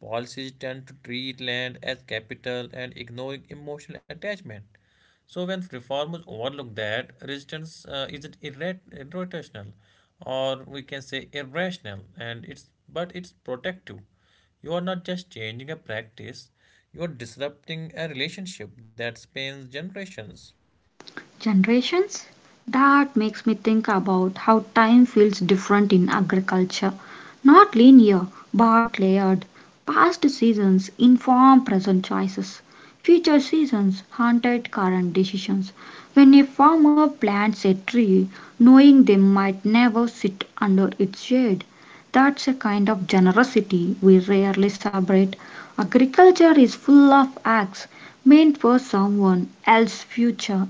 Speaker 2: Policies tend to treat land as capital and ignoring emotional attachment. So when reformers overlook that, resistance uh, is irrat- irrotational, or we can say irrational, and it's but it's protective. You are not just changing a practice; you are disrupting a relationship that spans generations.
Speaker 1: Generations. That makes me think about how time feels different in agriculture. Not linear, but layered. Past seasons inform present choices. Future seasons haunted current decisions. When a farmer plants a tree, knowing they might never sit under its shade, that's a kind of generosity we rarely celebrate. Agriculture is full of acts meant for someone else's future.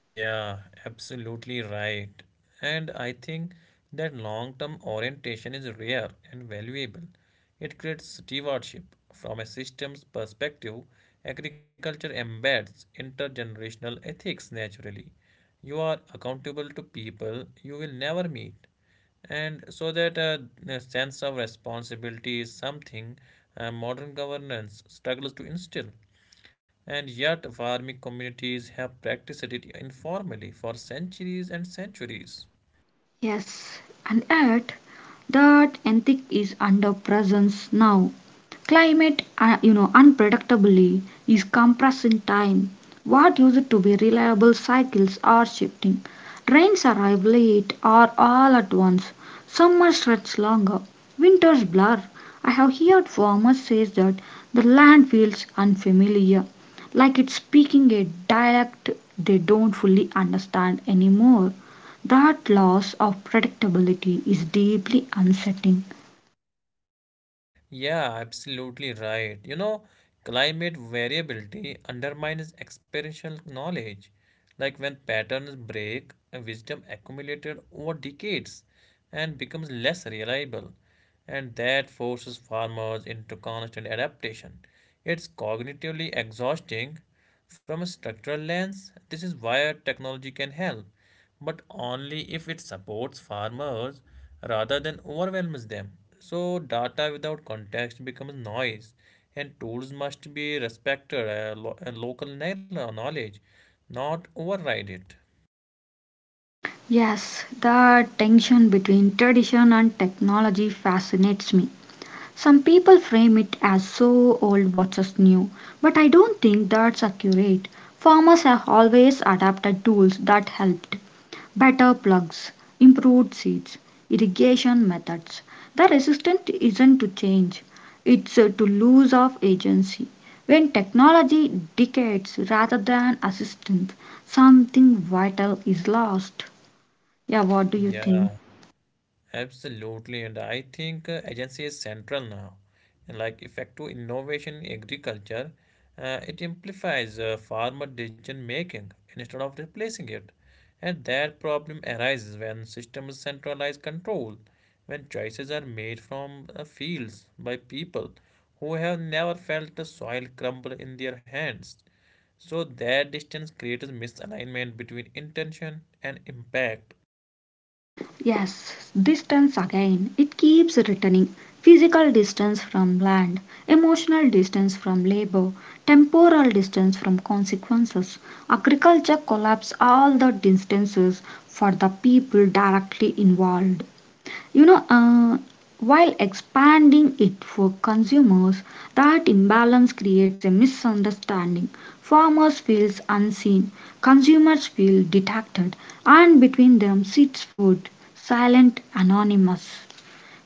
Speaker 2: Yeah, absolutely right. And I think that long-term orientation is rare and valuable. It creates stewardship. From a systems perspective, agriculture embeds intergenerational ethics naturally. You are accountable to people you will never meet. And so that uh, a sense of responsibility is something uh, modern governance struggles to instill. And yet, farming communities have practiced it informally for centuries and centuries.
Speaker 1: Yes, and yet that ethic is under presence now. Climate, uh, you know, unpredictably is compressing time. What used to be reliable cycles are shifting. Rains arrive late or all at once. Summer stretches longer. Winters blur. I have heard farmers say that the land feels unfamiliar, like it's speaking a dialect they don't fully understand anymore. That loss of predictability is deeply unsettling.
Speaker 2: Yeah, absolutely right. You know, climate variability undermines experiential knowledge. Like, when patterns break, uh, wisdom accumulated over decades and becomes less reliable. And that forces farmers into constant adaptation. It's cognitively exhausting from a structural lens. This is where technology can help, but only if it supports farmers rather than overwhelms them. So, data without context becomes noise, and tools must be respected uh, lo- uh, local kno- knowledge, not override it.
Speaker 1: Yes, the tension between tradition and technology fascinates me. Some people frame it as so old what's new, but I don't think that's accurate. Farmers have always adapted tools that helped: better plugs, improved seeds, irrigation methods. The resistance isn't to change, it's uh, to lose of agency. When technology decays rather than assistance, something vital is lost. Yeah, what do you
Speaker 2: Yeah,
Speaker 1: think?
Speaker 2: absolutely, and I think uh, agency is central now. And like effective innovation in agriculture, uh, it amplifies uh, farmer decision making instead of replacing it. And that problem arises when systems centralize control, when choices are made from uh, fields by people who have never felt the soil crumble in their hands. So that distance creates misalignment between intention and impact.
Speaker 1: Yes, distance again. It keeps returning. Physical distance from land, emotional distance from labor, temporal distance from consequences. Agriculture collapses all the distances for the people directly involved. You know, uh, while expanding it for consumers, that imbalance creates a misunderstanding. Farmers feel unseen, consumers feel detected, and between them sits food, silent, anonymous.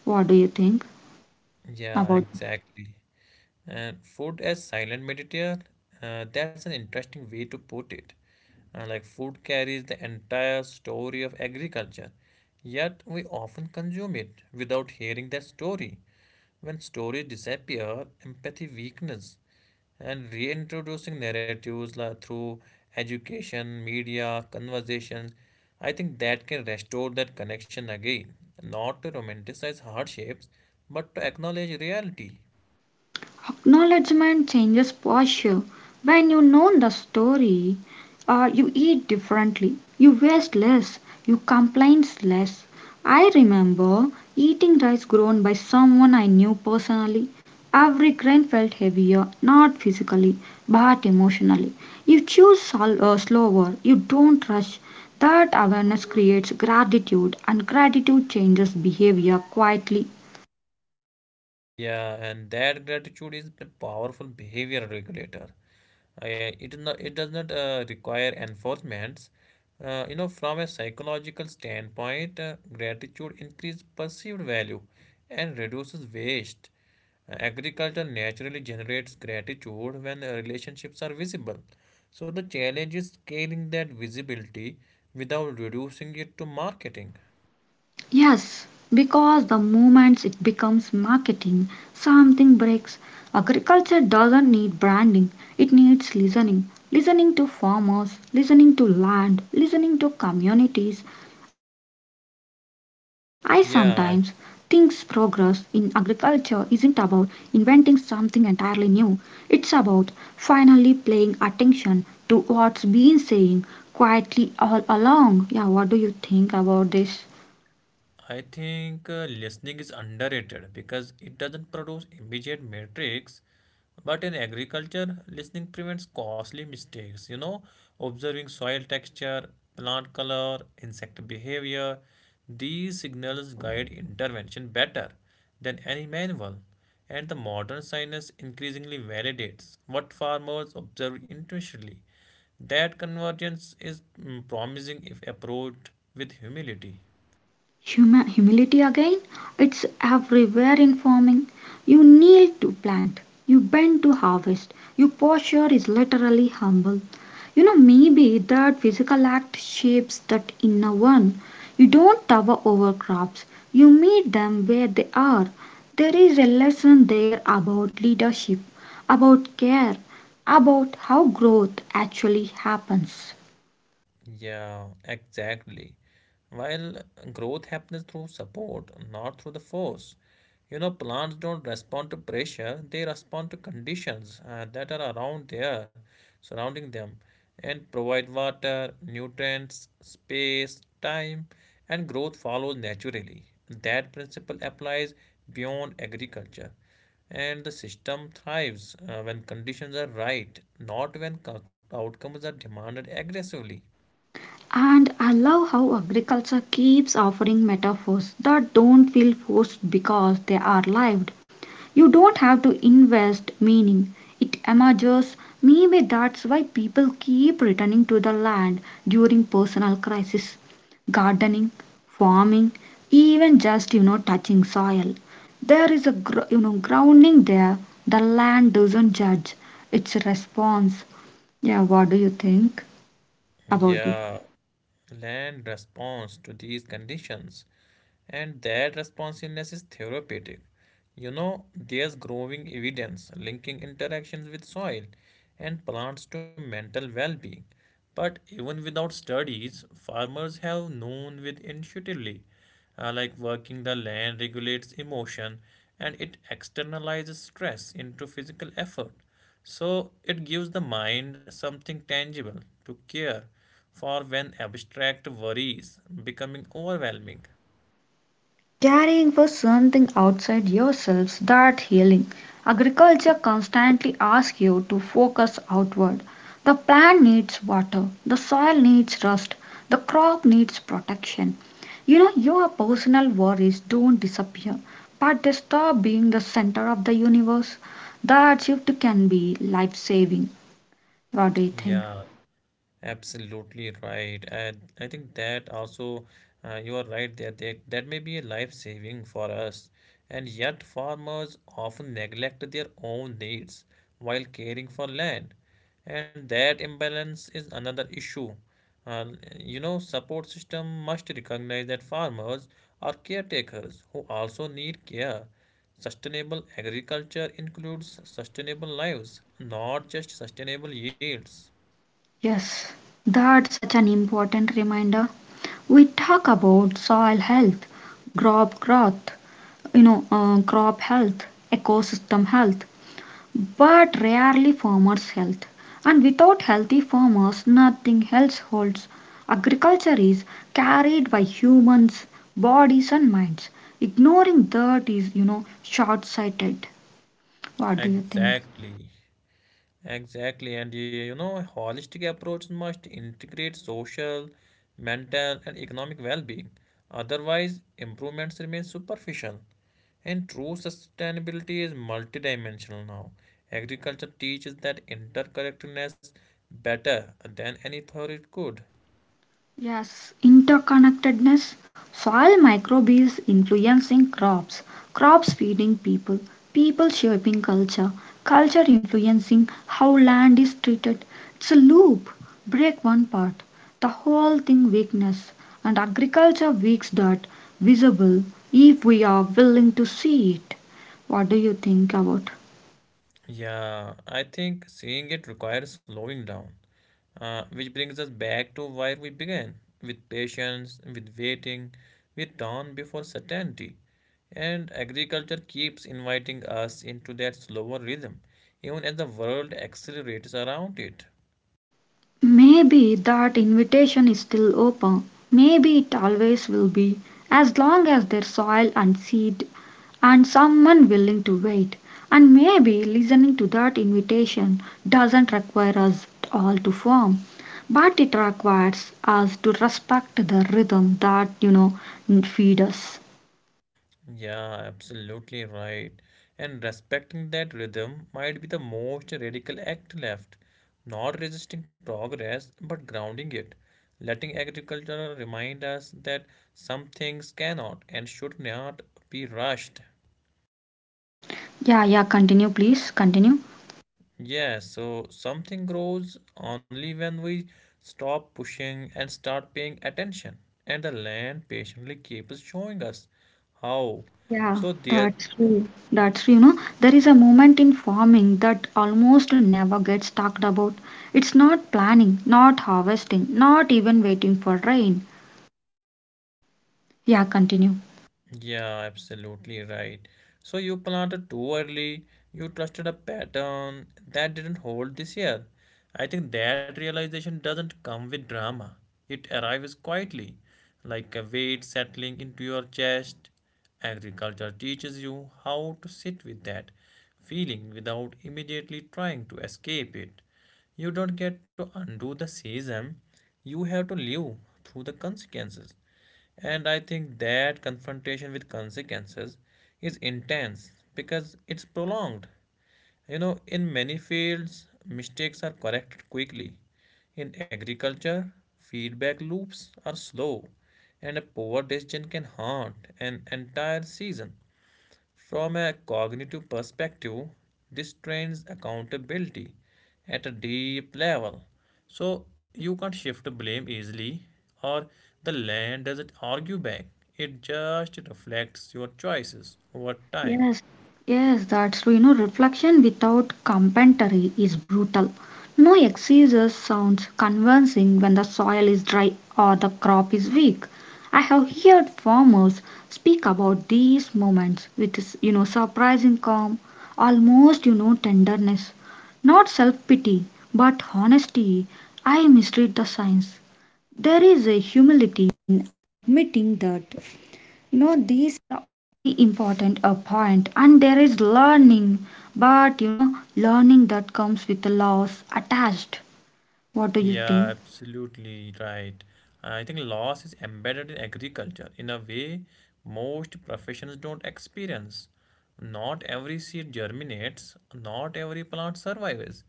Speaker 1: What do you think?
Speaker 2: Yeah,
Speaker 1: About
Speaker 2: exactly. And food as silent meditator, uh, that's an interesting way to put it. Uh, like, food carries the entire story of agriculture, yet we often consume it without hearing that story. When stories disappear, empathy weakens, and reintroducing narratives like through education, media, conversations, I think that can restore that connection again, not to romanticize hardships, but to acknowledge reality.
Speaker 1: Acknowledgement changes posture. When you know the story, uh, you eat differently, you waste less, you complain less. I remember eating rice grown by someone I knew personally. Every grain felt heavier, not physically, but emotionally. You choose sol- uh, slower, you don't rush. That awareness creates gratitude, and gratitude changes behavior quietly.
Speaker 2: Yeah, and that gratitude is a powerful behavior regulator. I- it is not, it does not uh, require enforcements. Uh, you know, from a psychological standpoint, uh, gratitude increases perceived value and reduces waste. Uh, agriculture naturally generates gratitude when uh, relationships are visible. So the challenge is scaling that visibility without reducing it to marketing.
Speaker 1: Yes, because the moment it becomes marketing, something breaks. Agriculture doesn't need branding, it needs listening. Listening to farmers, listening to land, listening to communities. I sometimes think progress
Speaker 2: Yeah,
Speaker 1: in agriculture isn't about inventing something entirely new, it's about finally paying attention to what's been saying quietly all along. Yeah, what do you think about this?
Speaker 2: I think uh, listening is underrated because it doesn't produce immediate metrics. But in agriculture, listening prevents costly mistakes. You know, observing soil texture, plant color, insect behavior, these signals guide intervention better than any manual. And the modern science increasingly validates what farmers observe intuitively. That convergence is mm, promising if approached with humility.
Speaker 1: Huma Humility again, it's everywhere in farming. You kneel to plant, you bend to harvest, your posture is literally humble. You know, maybe that physical act shapes that inner one. You don't tower over crops, you meet them where they are. There is a lesson there about leadership, about care, about how growth actually happens.
Speaker 2: Yeah, exactly. While growth happens through support, not through the force. You know, plants don't respond to pressure, they respond to conditions uh, that are around there, surrounding them, and provide water, nutrients, space, time, and growth follows naturally. That principle applies beyond agriculture. And the system thrives uh, when conditions are right, not when co- outcomes are demanded aggressively.
Speaker 1: And I love how agriculture keeps offering metaphors that don't feel forced because they are lived. You don't have to invest meaning, it emerges. Maybe that's why people keep returning to the land during personal crisis. Gardening, farming, even just you know touching soil. There is a gr- You know, grounding there. The land doesn't judge; it's a response. Yeah, what do you think about this?
Speaker 2: Yeah, land responds to these conditions and that responsiveness is therapeutic. You know, there's growing evidence linking interactions with soil and plants to mental well being. But even without studies, farmers have known with intuitively, uh, like working the land regulates emotion and it externalizes stress into physical effort. So it gives the mind something tangible to care for when abstract worries becoming overwhelming.
Speaker 1: Caring for something outside yourselves, that healing. Agriculture constantly asks you to focus outward. The plant needs water, the soil needs rust, the crop needs protection. You know, your personal worries don't disappear, but they stop being the center of the universe. That shift can be life saving. What do you
Speaker 2: Yeah,
Speaker 1: think?
Speaker 2: absolutely right. And I think that also, uh, you are right there. That, that may be a life saving for us. And yet, farmers often neglect their own needs while caring for land. And that imbalance is another issue. Uh, you know, Support system must recognize that farmers are caretakers who also need care. Sustainable agriculture includes sustainable lives, not just sustainable yields.
Speaker 1: Yes, that's such an important reminder. We talk about soil health, crop growth, you know uh, crop health, ecosystem health, but rarely farmers health. And without healthy farmers, nothing else holds. Agriculture is carried by humans, bodies and minds. Ignoring that is, you know, short sighted. What do you think?
Speaker 2: Exactly, exactly. And y- you know, holistic approach must integrate social, mental, and economic well being. Otherwise, improvements remain superficial. And true sustainability is multidimensional now. Agriculture teaches that interconnectedness better than any theory could.
Speaker 1: Yes, interconnectedness, soil microbes influencing crops, crops feeding people, people shaping culture, culture influencing how land is treated. It's a loop. Break one part, the whole thing weakness, and agriculture weaks that visible if we are willing to see it. What do you think about?
Speaker 2: Yeah, I think seeing it requires slowing down, uh, which brings us back to where we began with patience, with waiting, with dawn before certainty. And agriculture keeps inviting us into that slower rhythm, even as the world accelerates around it.
Speaker 1: Maybe that invitation is still open. Maybe it always will be, as long as there's soil and seed and someone willing to wait. And maybe listening to that invitation doesn't require us all to form, but it requires us to respect the rhythm that, you know, feed us.
Speaker 2: Yeah, absolutely right. And respecting that rhythm might be the most radical act left. Not resisting progress, but grounding it. Letting agriculture remind us that some things cannot and should not be rushed.
Speaker 1: Yeah, yeah, continue, please, continue.
Speaker 2: Yeah, so something grows only when we stop pushing and start paying attention. And the land patiently keeps showing us how.
Speaker 1: Yeah,
Speaker 2: So there.
Speaker 1: that's true. That's true. You know, there is a moment in farming that almost never gets talked about. It's not planning, not harvesting, not even waiting for rain. Yeah, continue.
Speaker 2: Yeah, absolutely right. So you planted too early, you trusted a pattern that didn't hold this year. I think that realization doesn't come with drama. It arrives quietly, like a weight settling into your chest. Agriculture teaches you how to sit with that feeling without immediately trying to escape it. You don't get to undo the season, you have to live through the consequences. And I think that confrontation with consequences is intense because it's prolonged. You know, in many fields, mistakes are corrected quickly. In agriculture, feedback loops are slow, and a poor decision can haunt an entire season. From a cognitive perspective, this trains accountability at a deep level. So you can't shift blame easily, or the land doesn't argue back. It just reflects your choices over time.
Speaker 1: Yes, yes, that's true. You know, reflection without commentary is brutal. No exegesis sounds convincing when the soil is dry or the crop is weak. I have heard farmers speak about these moments with, s- you know, surprising calm, almost, you know, tenderness. Not self pity, but honesty. I mistreat the science. There is a humility in admitting that, you know, these very important a point, and there is learning, but you know, learning that comes with a loss attached. What do you
Speaker 2: Yeah,
Speaker 1: think?
Speaker 2: absolutely right. I think loss is embedded in agriculture in a way most professions don't experience. Not every seed germinates, not every plant survives.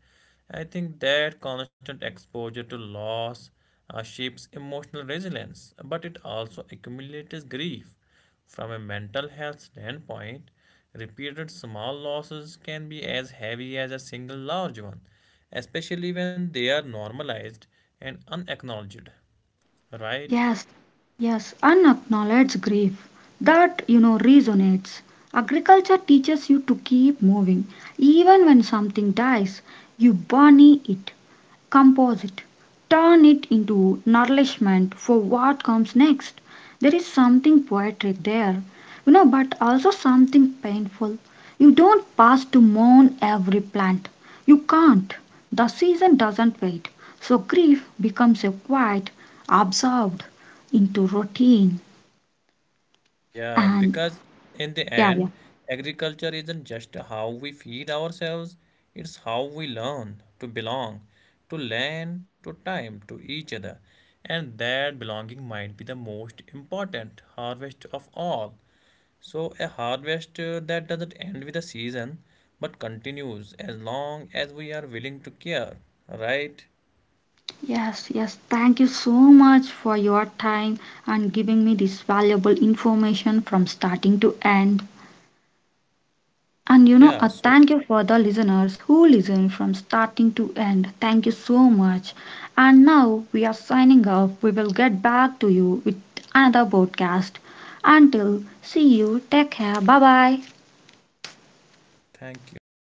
Speaker 2: I think that constant exposure to loss uh, shapes emotional resilience, but it also accumulates grief. From a mental health standpoint, repeated small losses can be as heavy as a single large one, especially when they are normalized and unacknowledged, right?
Speaker 1: Yes, yes, unacknowledged grief, that, you know, resonates. Agriculture teaches you to keep moving even when something dies. You burn it, compose it, turn it into nourishment for what comes next. There is something poetic there, you know, but also something painful. You don't pass to mourn every plant. You can't. The season doesn't wait. So grief becomes a quiet, absorbed into routine.
Speaker 2: Yeah,
Speaker 1: And
Speaker 2: because in the
Speaker 1: yeah, yeah.
Speaker 2: end, agriculture isn't just how we feed ourselves, it's how we learn to belong, to land, to time, to each other. And that belonging might be the most important harvest of all. So, a harvest uh, that doesn't end with a season but continues as long as we are willing to care, right?
Speaker 1: Yes, yes. Thank you so much for your time and giving me this valuable information from starting to end. And you know,
Speaker 2: Yeah,
Speaker 1: a
Speaker 2: so
Speaker 1: thank you for the listeners who listen from starting to end. Thank you so much. And now we are signing off. We will get back to you with another podcast. Until see you, take care. Bye bye.
Speaker 2: thank you.